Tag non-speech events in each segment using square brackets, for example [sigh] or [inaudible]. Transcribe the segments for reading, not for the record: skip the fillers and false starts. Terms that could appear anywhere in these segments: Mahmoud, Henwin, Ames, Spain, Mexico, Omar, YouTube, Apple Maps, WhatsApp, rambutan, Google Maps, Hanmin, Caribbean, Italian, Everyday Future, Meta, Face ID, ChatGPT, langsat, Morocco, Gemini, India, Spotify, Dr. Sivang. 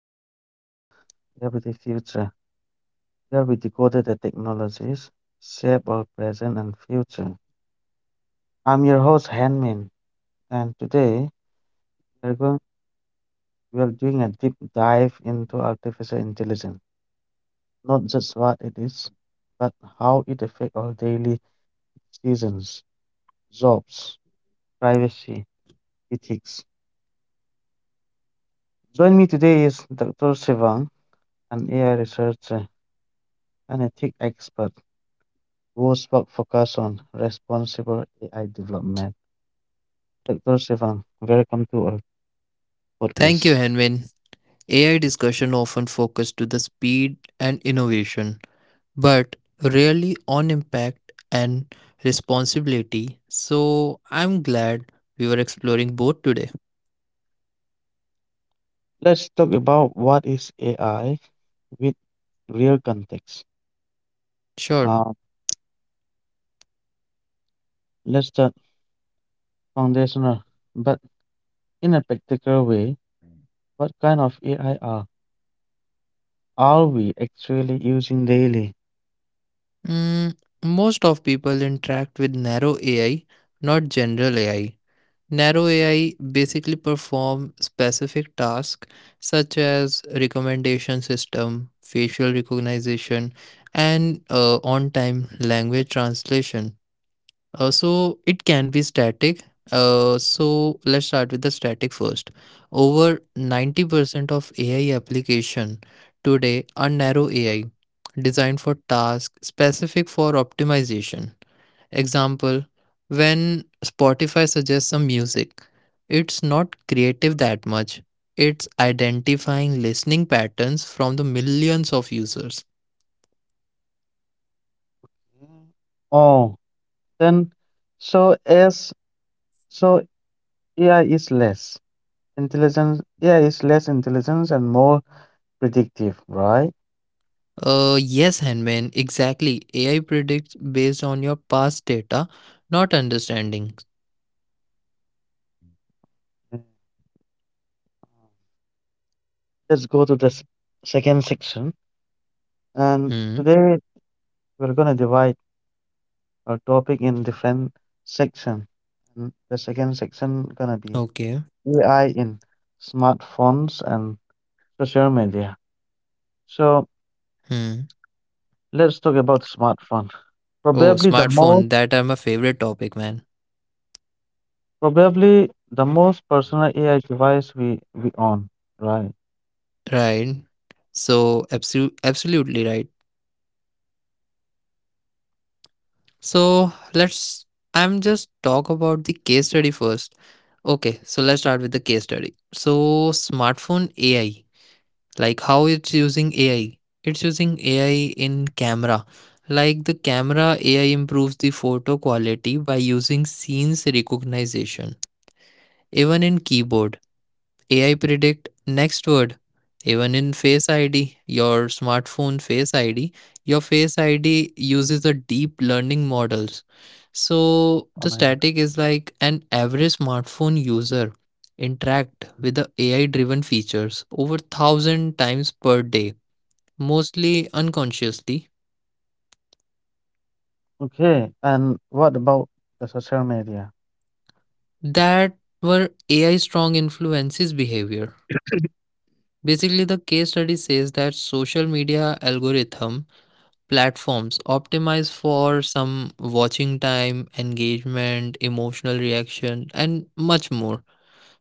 and welcome to Everyday Future, where we decode the technologies shape our present and future. I'm your host, Hanmin, and today we're going we are doing a deep dive into artificial intelligence, not just what it is, but how it affects our daily decisions, jobs, privacy, ethics. Join me today is Dr. Sivang, an AI researcher and ethics expert whose work focuses on responsible AI development. Dr. Sivan, welcome to our Thank you, podcast. Henwin. AI discussion often focus to the speed and innovation, but rarely on impact and responsibility. So I'm glad we were exploring both today. Let's talk about what is AI with real context. Sure. Uh, let's start foundational, but in a practical way, what kind of AI are we actually using daily? Mm, Most of people interact with narrow AI, not general AI. Narrow AI basically perform specific tasks such as recommendation system, facial recognition, and on-time language translation. So it can be static. So let's start with the static first. Over 90% of AI application today are narrow AI designed for tasks specific for optimization. Example, when Spotify suggests some music, it's not creative that much. It's identifying listening patterns from the millions of users. Mm. Oh, then so as so AI is less intelligence, and more predictive, right? Yes, Henman, exactly. AI predicts based on your past data, not understanding. Mm. Let's go to the second section. And Hmm. today we're gonna divide our topic in different section. And the second section gonna be Okay. AI in smartphones and social media. So Hmm. let's talk about smartphone. Oh, Probably the most smartphone. That are my favorite topic, man. probably the most personal AI device we own, right? Right. So, absolutely right. So, let's. I'm just talk about the case study first. Okay, so let's start with the case study. So, smartphone AI, like how it's using AI. It's using AI in camera. Like the camera, AI improves the photo quality by using scenes recognition. Even in keyboard, AI predict next word. Even in Face ID, your smartphone Face ID, your Face ID uses a deep learning models. Oh So my god. the static is like an average smartphone user interact with the AI driven features over thousand times per day, mostly unconsciously. Okay, and what about the social media? That were AI strong influences behavior. Basically, the case study says that social media algorithm platforms optimize for some watching time, engagement, emotional reaction, and much more.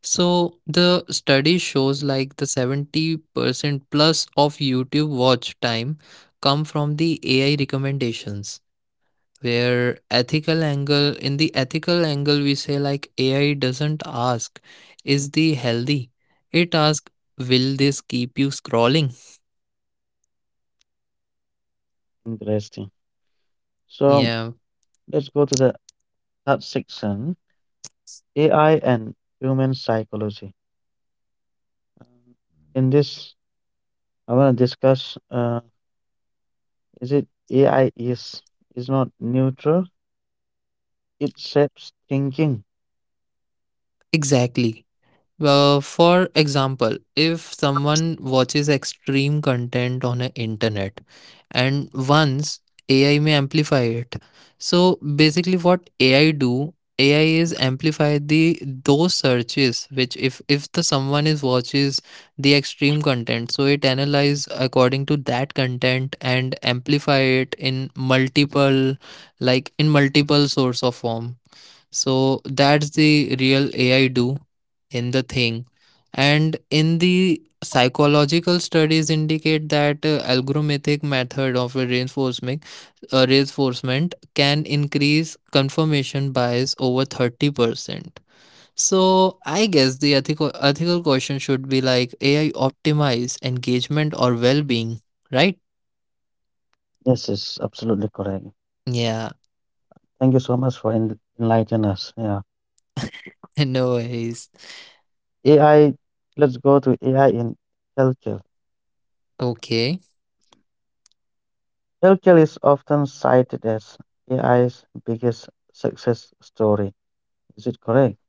So the study shows like the 70% plus of YouTube watch time come from the AI recommendations where ethical angle in the ethical angle we say like AI doesn't ask is the healthy it asks will this keep you scrolling Interesting. So yeah let's go to the third section AI and human psychology. In this, I want to discuss, is it AI is not neutral? It shapes thinking. exactly. Well, for example, if someone watches extreme content on the internet and once AI may amplify it. So basically what AI do, AI is amplify the those searches which if the someone is watches the extreme content, so it analyze according to that content and amplify it in multiple like in multiple source of form, so that's the real AI do in the thing. And in the psychological studies indicate that algorithmic method of a reinforcement reinforcement can increase confirmation bias over 30%. So I guess the ethical question should be like AI optimize engagement or well-being, right? Yes, it's absolutely correct. Yeah, Thank you so much for enlightening us. Yeah, [laughs] no worries. AI. Let's go to AI in healthcare. Okay. Healthcare is often cited as AI's biggest success story. Is it correct?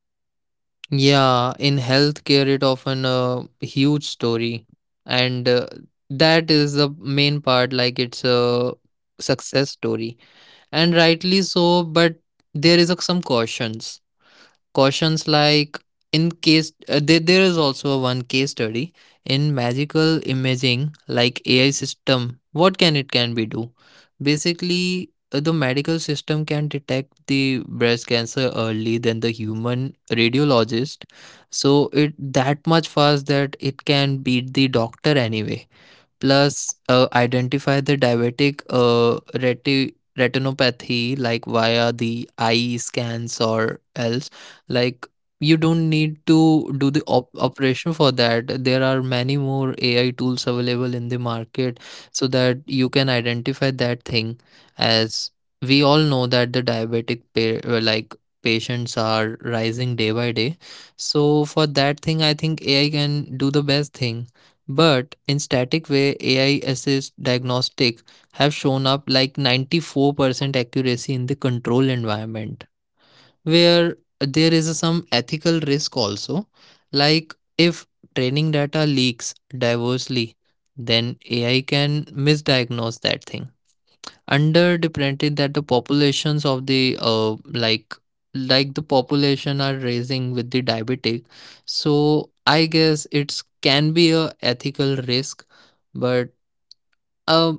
Yeah, in healthcare, it often a huge story, and that is the main part. Like it's a success story, and rightly so. But there is a, some cautions like in case there is also a one case study in magical imaging like AI system what can it can be do basically the medical system can detect the breast cancer early than the human radiologist, so it that much fast that it can beat the doctor anyway. Plus, identify the diabetic retinopathy like via the eye scans or else. Like, you don't need to do the operation for that. There are many more AI tools available in the market so that you can identify that thing. As we all know that the diabetic like patients are rising day by day. So for that thing, I think AI can do the best thing, but in static way, AI assist diagnostic have shown up like 94% accuracy in the control environment, where there is some ethical risk also. Like if training data leaks diversely, then AI can misdiagnose that thing underrepresented that the populations of the like the population are raising with the diabetic, so I guess it's can be a ethical risk, but uh,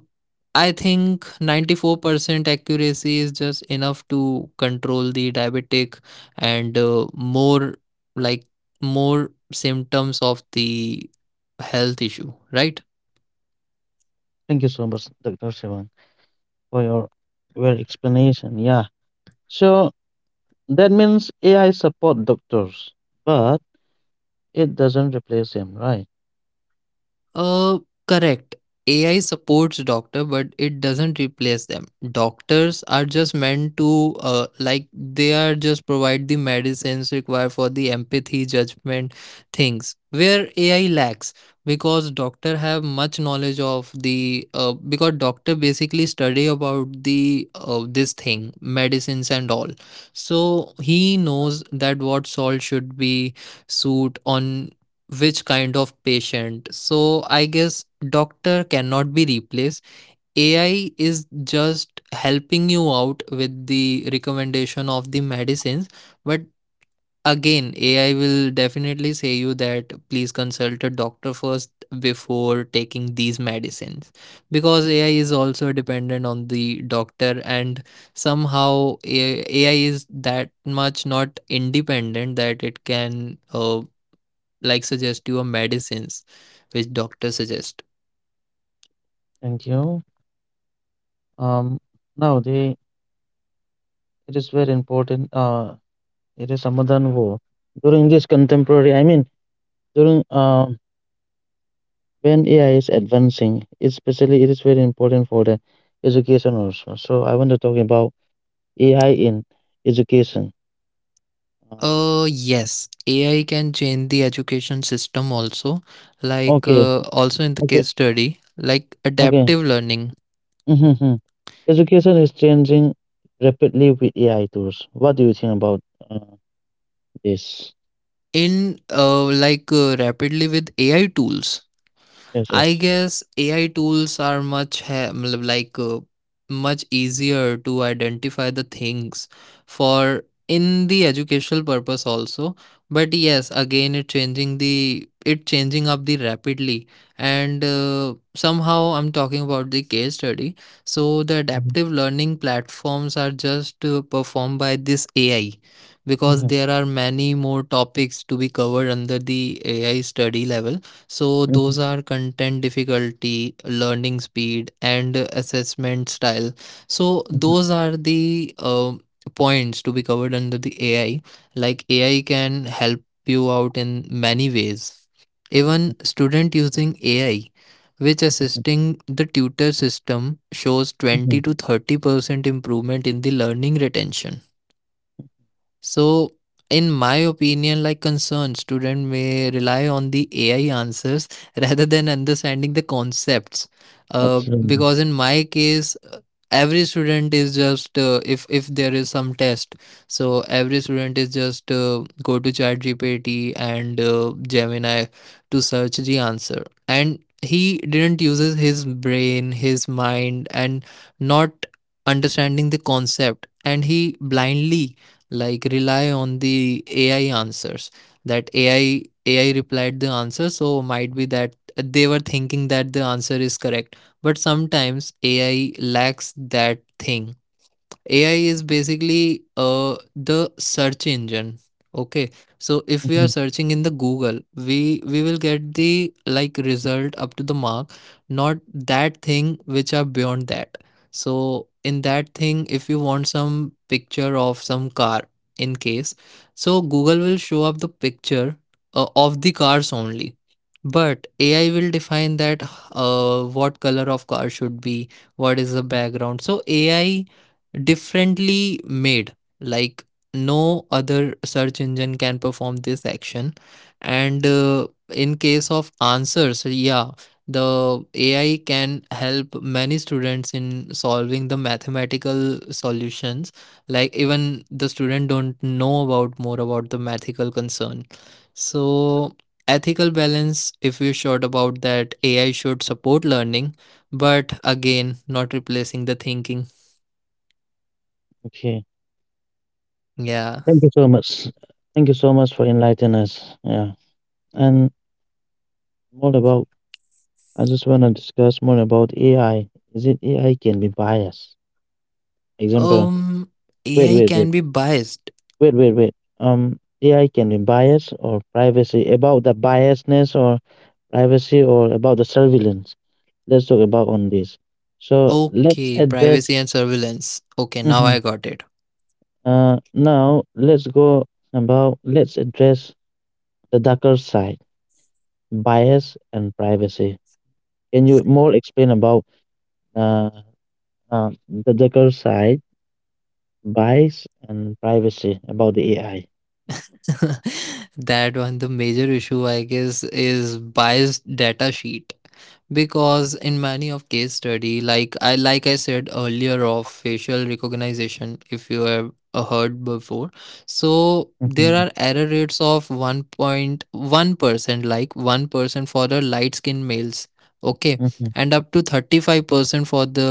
I think 94% accuracy is just enough to control the diabetic and more like more symptoms of the health issue, right? Thank you so much, Dr. Sivan, for your well explanation. Yeah. So that means AI support doctors, but it doesn't replace him, right? Uh, Correct. AI supports doctor, but it doesn't replace them. Doctors are just meant to, like they are just provide the medicines required for the empathy, judgment things where AI lacks because doctor have much knowledge of the, because doctor basically study about the, this thing, medicines and all. So he knows that what salt should be suit on which kind of patient. So I guess doctor cannot be replaced. AI is just helping you out with the recommendation of the medicines, but again AI will definitely say you that please consult a doctor first before taking these medicines because AI is also dependent on the doctor and somehow AI is that much not independent that it can like suggest you a medicines which doctor suggest. Thank you know, um, nowadays it is very important. It is a modern war. During this contemporary, I mean, during when AI is advancing, especially it is very important for the education also. So I want to talk about AI in education. Um, Yes, AI can change the education system also, like okay, also in the okay, case study, like okay. adaptive learning Mm-hmm. Hmm. Education is changing rapidly with AI tools. What do you think about? uh, Yes. in rapidly with AI tools. Yes, I yes. guess AI tools are much ha- matlab like much easier to identify the things for in the educational purpose also, but yes again it changing up the rapidly, and somehow I'm talking about the case study, so the Mhm, adaptive learning platforms are just performed by this AI because mhm, there are many more topics to be covered under the AI study level, so mhm, those are content difficulty, learning speed, and assessment style. So mhm, those are the points to be covered under the AI. Like AI can help you out in many ways. Even student using AI, which mhm, assisting the tutor system shows mhm. 20 to 30% improvement in the learning retention. So, in my opinion, like concerned student may rely on the AI answers [laughs] rather than understanding the concepts. Absolutely. Because in my case, every student is just if there is some test, so every student is just go to ChatGPT and Gemini to search the answer, and he didn't uses his brain, his mind, and not understanding the concept, and he blindly like rely on the AI answers that AI replied the answer, so might be that they were thinking that the answer is correct, but sometimes AI lacks that thing. AI is basically the search engine. Okay, so if we are Mhm. searching in the Google, we will get the like result up to the mark, not that thing which are beyond that. So in that thing, if you want some picture of some car, in case, so Google will show up the picture of the cars only. But AI will define that what color of car should be, what is the background. So AI differently made like no other search engine can perform this action, and in case of answers, yeah, the AI can help many students in solving the mathematical solutions like even the student don't know about more about the mathematical concern. So ethical balance if we short about that AI should support learning, but again not replacing the thinking, Okay. yeah. Thank you so much. Thank you so much for enlightening us. Yeah. And more about, I just want to discuss more about AI. Is it AI can be biased? Example, Um, wait, AI wait, wait, can be biased. wait, wait, wait. AI can be biased or privacy, about the biasness or privacy or about the surveillance. Let's talk about on this. So let's Okay, address. privacy and surveillance. Okay, now [laughs] I got it. Now let's go about let's address the darker side, bias and privacy. Can you more explain about uh, the darker side, bias and privacy about the AI? [laughs] That one the major issue I guess is biased data sheet because in many of case study like I said earlier of facial recognition, if you have heard before, so hmm there are error rates of 1.1% like 1% for the light skin males, okay, hmm and up to 35% for the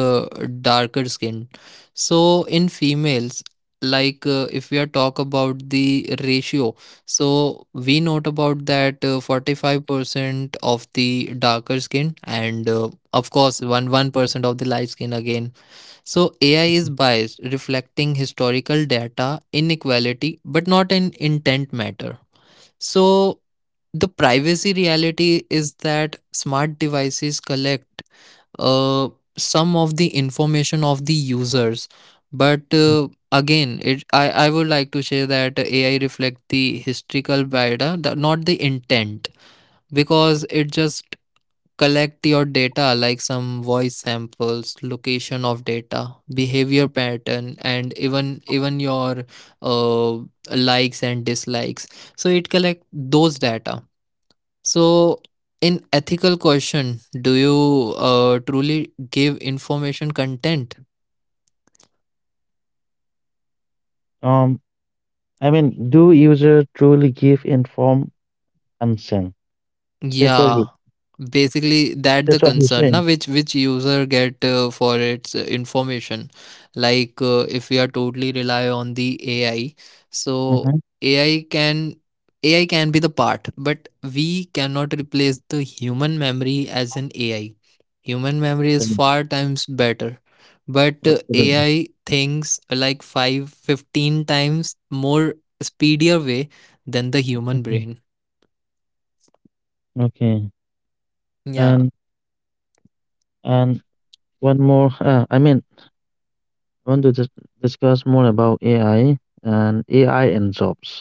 darker skin, so in females, like if we are talk about the ratio, so we note about that 45% of the darker skin and of course one 1% of the light skin again. So AI is biased reflecting historical data inequality but not in intent matter. So the privacy reality is that smart devices collect uh, some of the information of the users, but again it I would like to say that AI reflect the historical data the, not the intent, because it just collect your data like some voice samples location of data behavior pattern and even your uh, likes and dislikes, so it collect those data. So, in ethical question, do you truly give information content? Um, I mean, do user truly give informed consent? That's what you. Yeah, basically that That's the what you're concern saying. now which user get for its information. Like if we are totally rely on the AI, Mm-hmm. so AI can AI can be the part, but we cannot replace the human memory as an AI. Human memory is far times better, but Absolutely. AI thinks like 5 15 times more speedier way than the human Mhm. brain. Okay. And Yeah, and one more. I mean, I want to discuss more about AI and AI and jobs.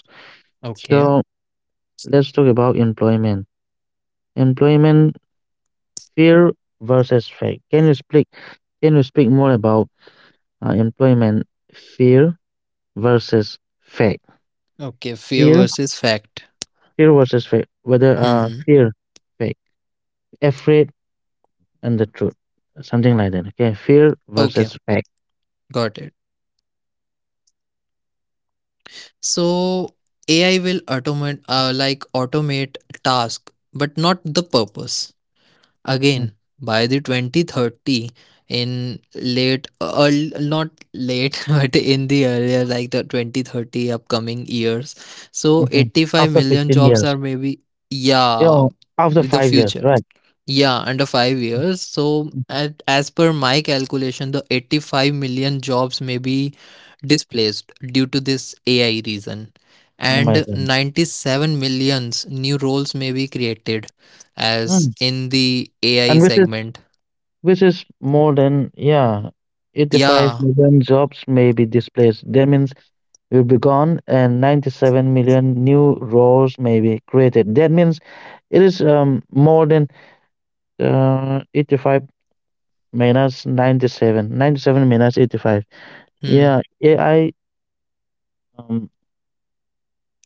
okay. So let's talk about employment. Employment fear versus fact. Can you speak? More about employment fear versus fact? Okay, fear Fear, versus fact. fear versus fact. Whether Hmm. fear, fact, afraid, and the truth, something like that. Okay, fear Okay, versus fact. got it. So AI will automate, automate task, but not the purpose. Again, by the 2030, in late, not late, [laughs] but in the earlier, like the 2030 upcoming years, so Mm-hmm. 85 After million fifteen jobs years, are maybe, you yeah, know, after the 5 years, future. right? Yeah, under 5 years. So, at, as per my calculation, the 85 million jobs may be displaced due to this AI reason, Oh my and god. 97 millions new roles may be created, Mm. as in the And AI which is segment. Which is more than, yeah, 85 Yeah. million jobs may be displaced. That means will be gone and 97 million new roles may be created. That means it is more than 85 minus 97. 97 minus 85. Hmm. Yeah, AI um,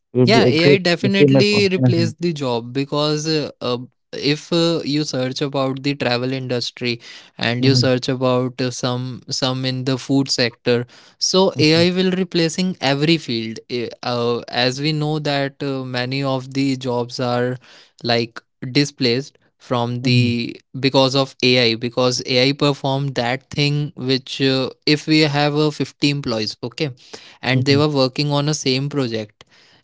will be a Yeah, great AI achievement for. definitely Mhm, replaced the job because if you search about the travel industry and you mhm, search about some in the food sector, so mhm, AI will replacing every field. As we know that many of the jobs are like displaced from mhm, the because of AI because AI perform that thing which if we have 50 employees, okay, and they mhm, were working on a same project,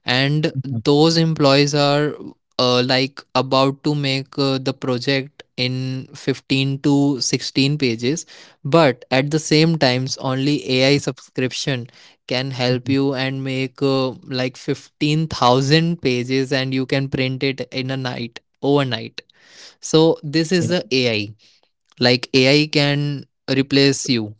and those employees are like about to make the project in 15 to 16 pages, but at the same times only AI subscription can mhm, help mhm, you and make like 15,000 pages, and you can print it in a night overnight. So this yeah, is the AI. Like AI can replace you,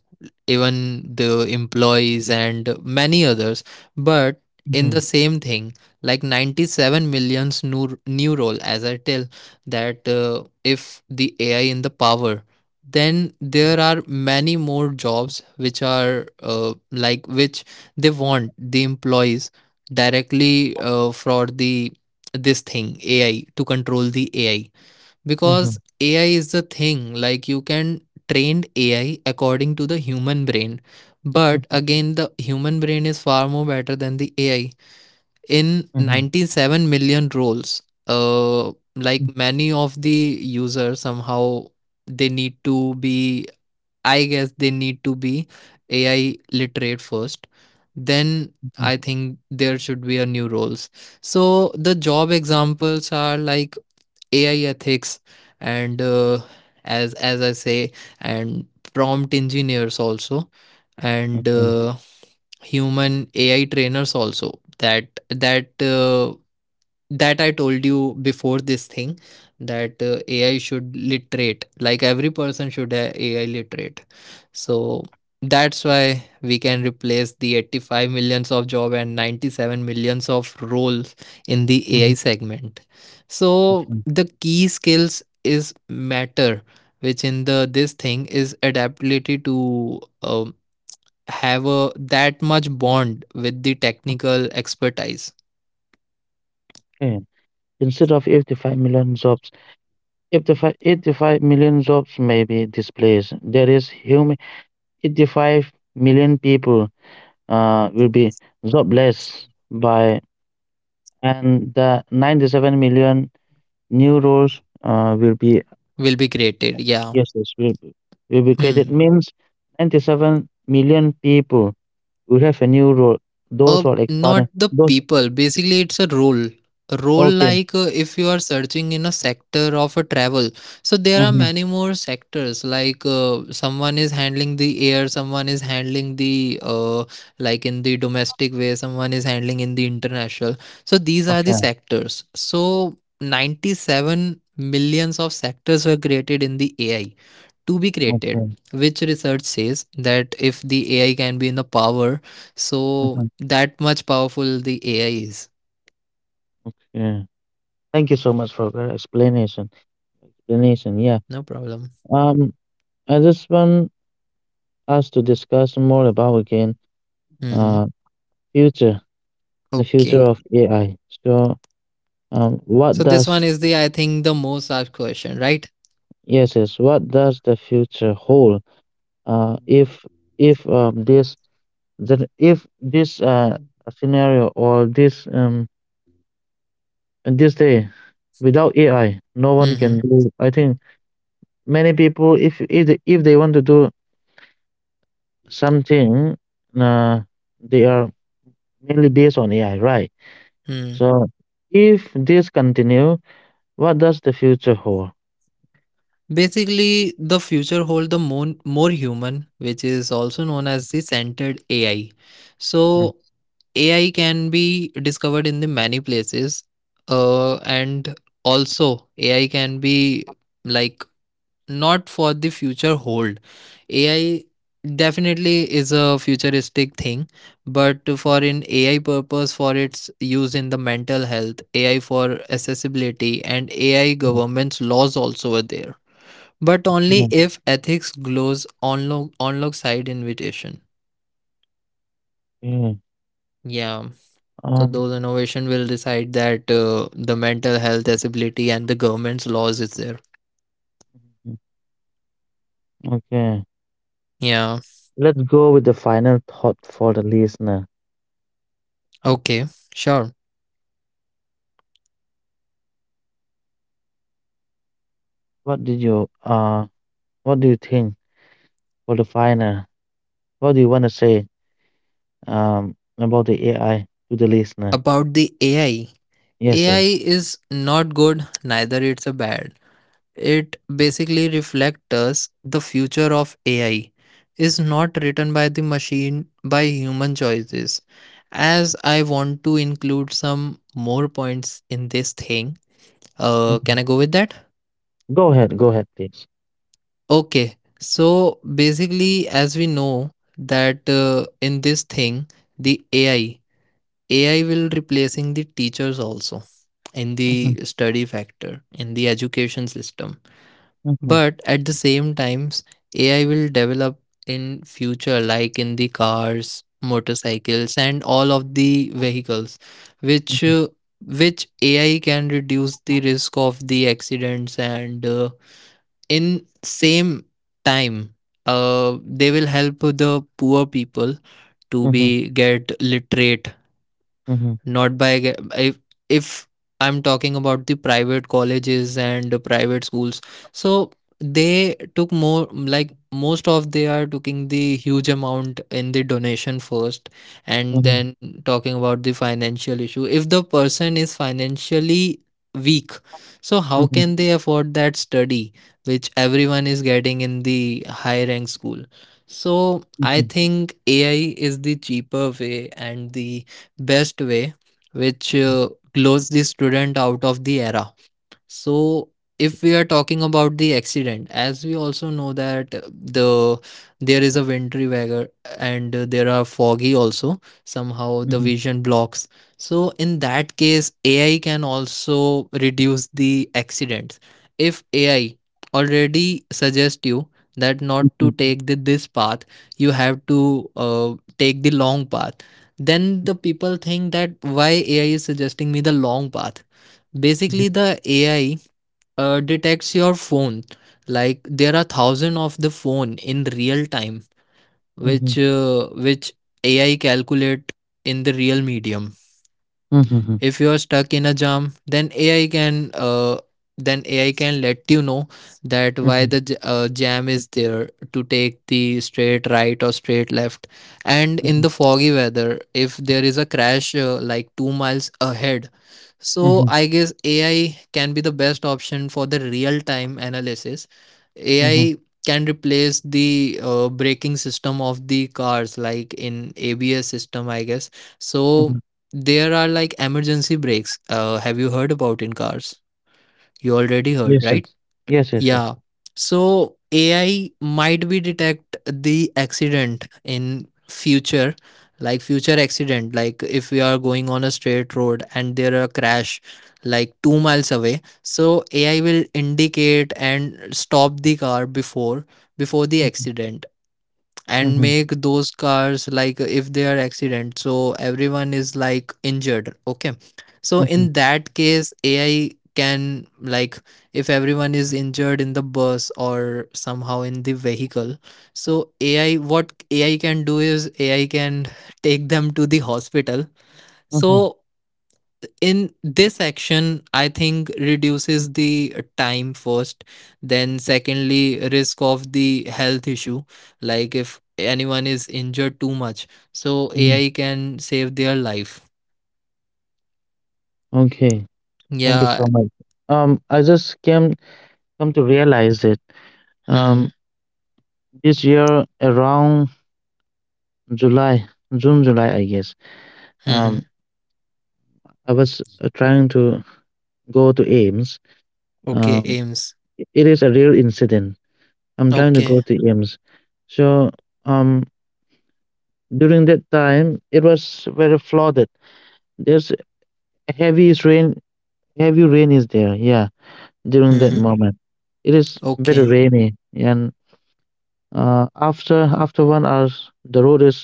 even the employees and many others. But in mhm, the same thing, like 97 millions new role as I tell that, if the AI in the power, then there are many more jobs which are like which they want the employees directly for the this thing AI to control the AI, mhm, because AI is the thing like you can train AI according to the human brain. mhm, But again, the human brain is far more better than the AI in mhm, 97 million roles. uh mhm, like many of the users somehow they need to be, I guess, they need to be AI literate first. Then mhm, I think there should be a new roles. So the job examples are like AI ethics, and as I say, and prompt engineers also, and okay, human AI trainers also. That I told you before this thing, that AI should literate, like every person should AI literate. So that's why we can replace the 85 millions of job and 97 millions of roles in the mhm, AI segment. So the key skills is matter, which in the this thing is adaptability to have a that much bond with the technical expertise. okay. Instead of 85 million jobs, eighty-five million jobs may be displaced. There is human 85 million people will be jobless by, and the 97 million new roles will be Will be created. Yeah. yes, yes will be created. Hmm. Means 97 million people will have a new role. Those are like pardon, Not the those, people. Basically, it's a role. A role okay, like if you are searching in a sector of a travel. So there are mm-hmm, many more sectors. Like someone is handling the air, someone is handling the like in the domestic way, someone is handling in the international. So these are okay, the sectors. So 97 millions of sectors were created in the AI to be created, okay, which research says that if the AI can be in the power, so mhm, that much powerful the AI is. yeah. Thank you so much for your explanation. Explanation, yeah. No problem. Um, I just want us to discuss more about again, Mm-hmm. uh future, the future Okay, of AI. So, what so this does one is the, I think, the most asked question, right? yes, yes, what does the future hold? If this that if this uh scenario or this, this day without AI, no one can Mm-hmm. do. I think many people, if they want to do something, uh, they are mainly based on AI, right? Hmm. So, if this continue, what does the future hold? Basically, the future hold the more human, which is also known as the centered AI. Mm. So AI can be discovered in the many places, and also AI can be like not for the future hold. AI definitely is a futuristic thing, but for in AI purpose for its use in the mental health AI for accessibility and AI Mm. government's laws also are there, but only Sure. if ethics glows on log side invitation. Okay. Yeah. So Um, those innovation will decide that the mental health accessibility and the government's laws is there. mhm, okay. Yeah. Let's go with the final thought for the listener. Okay. Sure. What did you uh what do you think for the final? What do you want to say about the AI to the listener? About the AI. Yes, yes. AI is not good, neither it's a bad. It basically reflects us the future of AI is not written by the machine by human choices. As I want to include some more points in this thing, Mhm. can I go with that? Go ahead, please. Okay. So basically, as we know that in this thing, the AI will replacing the teachers also in Mhm, the study factor in the education system. mhm, But at the same times AI will develop in future, like in the cars, motorcycles and all of the vehicles, which mhm, uh, which AI can reduce the risk of the accidents, and in same time they will help the poor people to mhm, be get literate. mhm, Not by if, if I'm talking about the private colleges and private schools, so they took more like most of they are taking the huge amount in the donation first. And mhm, then talking about the financial issue, if the person is financially weak, so mhm, how mhm, can they afford that study which everyone is getting in the high rank school? So mhm, I think AI is the cheaper way and the best way, which glows the student out of the era. So, if we are talking about the accident, as we also know that the there is a wintry weather and there are foggy also. Somehow the mhm, vision blocks. So in that case, AI can also reduce the accidents. If AI already suggest you that not mhm, to take the, this path, you have to take the long path. Then the people think that why AI is suggesting me the long path. Basically, the AI detects your phone, like there are thousand of the phone in real time, mhm, which AI calculate in the real medium. mhm, If you are stuck in a jam, then AI can let you know that mhm, why the jam is there, to take the straight right or straight left. And mhm, in the foggy weather, if there is a crash like 2 miles ahead. mhm. So I guess AI can be the best option for the real time analysis. Mhm, AI can replace the braking system of the cars, like in ABS system, I guess. mhm. So there are like emergency brakes. Have you heard about in cars? You already Yes, heard, yes. right? Yes, yes, yes. Yeah. So AI might be detect the accident in future, like future accident. Like if we are going on a straight road and there are crash, like 2 miles away, so AI will indicate and stop the car before the accident, and Mhm, make those cars like if they are accident so everyone is like injured, okay. So mhm, in that case AI can like, if everyone is injured in the bus or somehow in the vehicle, so ai what ai can do is ai can [laughs] take them to the hospital. mhm, So in this action I think reduces the time first, then secondly risk of the health issue, like if anyone is injured too much, so mhm. AI can save their life. Okay. Thank you so Yeah. much. I just came come to realize it. Um, Hmm. this year around July, June, July, I guess. Hmm. Um, Hmm. I was trying to go to Ames. Okay. Um, Aims. it is a real incident. I'm trying to go Okay. to Ames. So, um, during that time, it was very flooded. There's heavy rain. Heavy rain is there. Yeah, during that Hmm. Hmm. moment. It is very Okay, rainy, and after 1 hour, the road is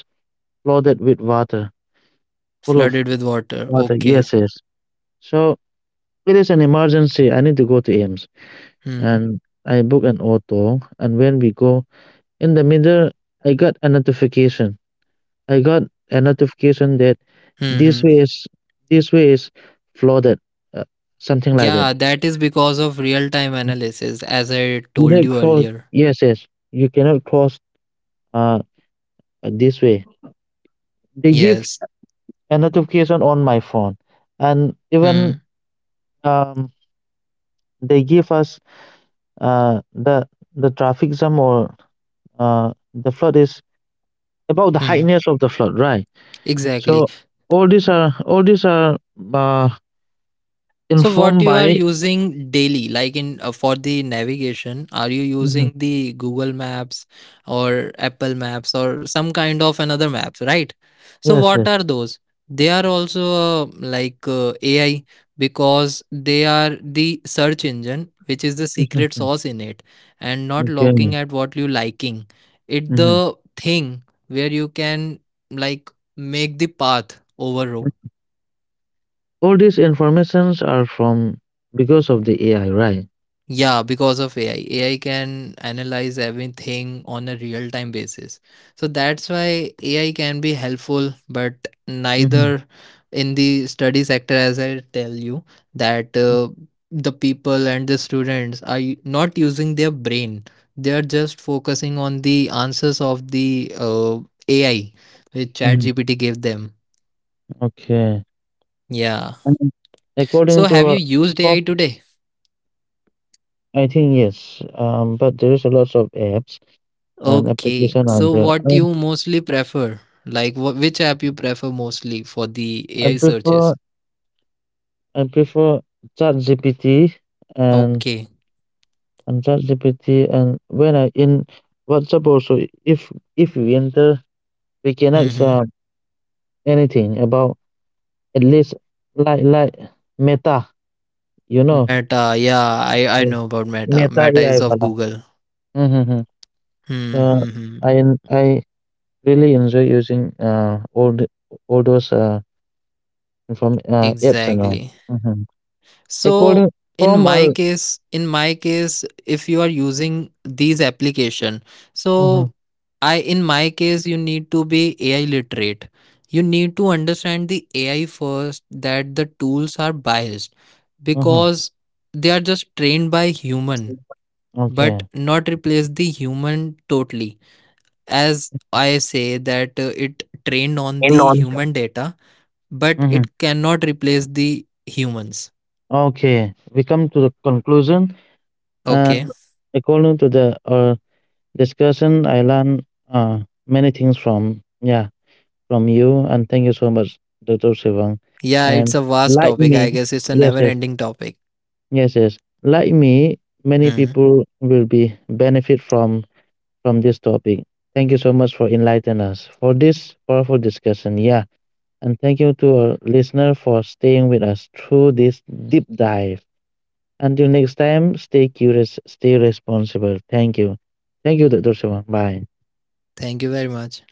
flooded with water, full of flooded with water. water. Okay. Yes, yes. So it is an emergency. I need to go to Ames, Hmm. and I book an auto. And when we go in the middle, I got a notification. I got that Hmm. this way Hmm. is this way is flooded, uh, something like that. Yeah, that is because of real time analysis as I You cannot told you cross. earlier. Yes, yes. You cannot cross. Uh, this way. They give Yes. a notification on my phone, and even Hmm. um, they give us uh, the the traffic jam or the flood is about the heightness Hmm. of the flood, right? So Exactly. all these are uh, So informed what you by. are using daily, like in for the navigation, are you Mhm. using the Google Maps or Apple Maps or some kind of another maps, right? So Yes, yes. what are those? They are also like AI because they are the search engine, which is the Mhm, secret mhm. sauce in it, and not Okay. looking at what you liking. It Mhm. the thing where you can like make the path over row. All these informations are from because of the AI, right? Yeah, because of AI. AI can analyze everything on a real time basis. So that's why AI can be helpful, but Mm-hmm. neither in the study sector, as I tell you, that the people and the students are not using their brain. They are just focusing on the answers of the AI which Mm-hmm. ChatGPT gave them. Okay. Yeah. And according So to have you used our, AI today? I think yes, but there is a lot of apps and application Okay, out so there. What you mostly prefer? Like, which app you prefer mostly for the I AI prefer searches? I prefer ChatGPT and Okay. ChatGPT, and when I in WhatsApp also, if we enter we can ask Mm-hmm. anything about, at least, like Meta, you know Meta, yeah, I the know about Meta. Meta Meta AI is wala. of Google. Mm-hmm. Hmm. So Hmm, I hmm. en- I really enjoy using all those from apps and all. Exactly. Mm-hmm. According So from in our. my case in my case if you are using these application, Mhm. so I in my case you need to be AI literate. You need to understand the AI first, that the tools are biased Mhm. because they are just trained by human Okay. but not replace the human totally. As I say that it trained In on and the on. human data but Mhm. it cannot replace the humans. Okay. We come to the conclusion, and Okay. according to the discussion, I learned uh, many things from, yeah, from you, and thank you so much, Doctor Sivan. Yeah, And it's a vast like topic. me, I guess it's a yes, never yes, ending topic. yes, yes. Like me, many Hmm. people will be benefit from this topic. Thank you so much for enlightening us for this powerful discussion. Yeah. And thank you to our listener for staying with us through this deep dive. Until next time, stay curious, stay responsible. Thank you. Thank you, Dr. Sivan. Bye. Thank you very much.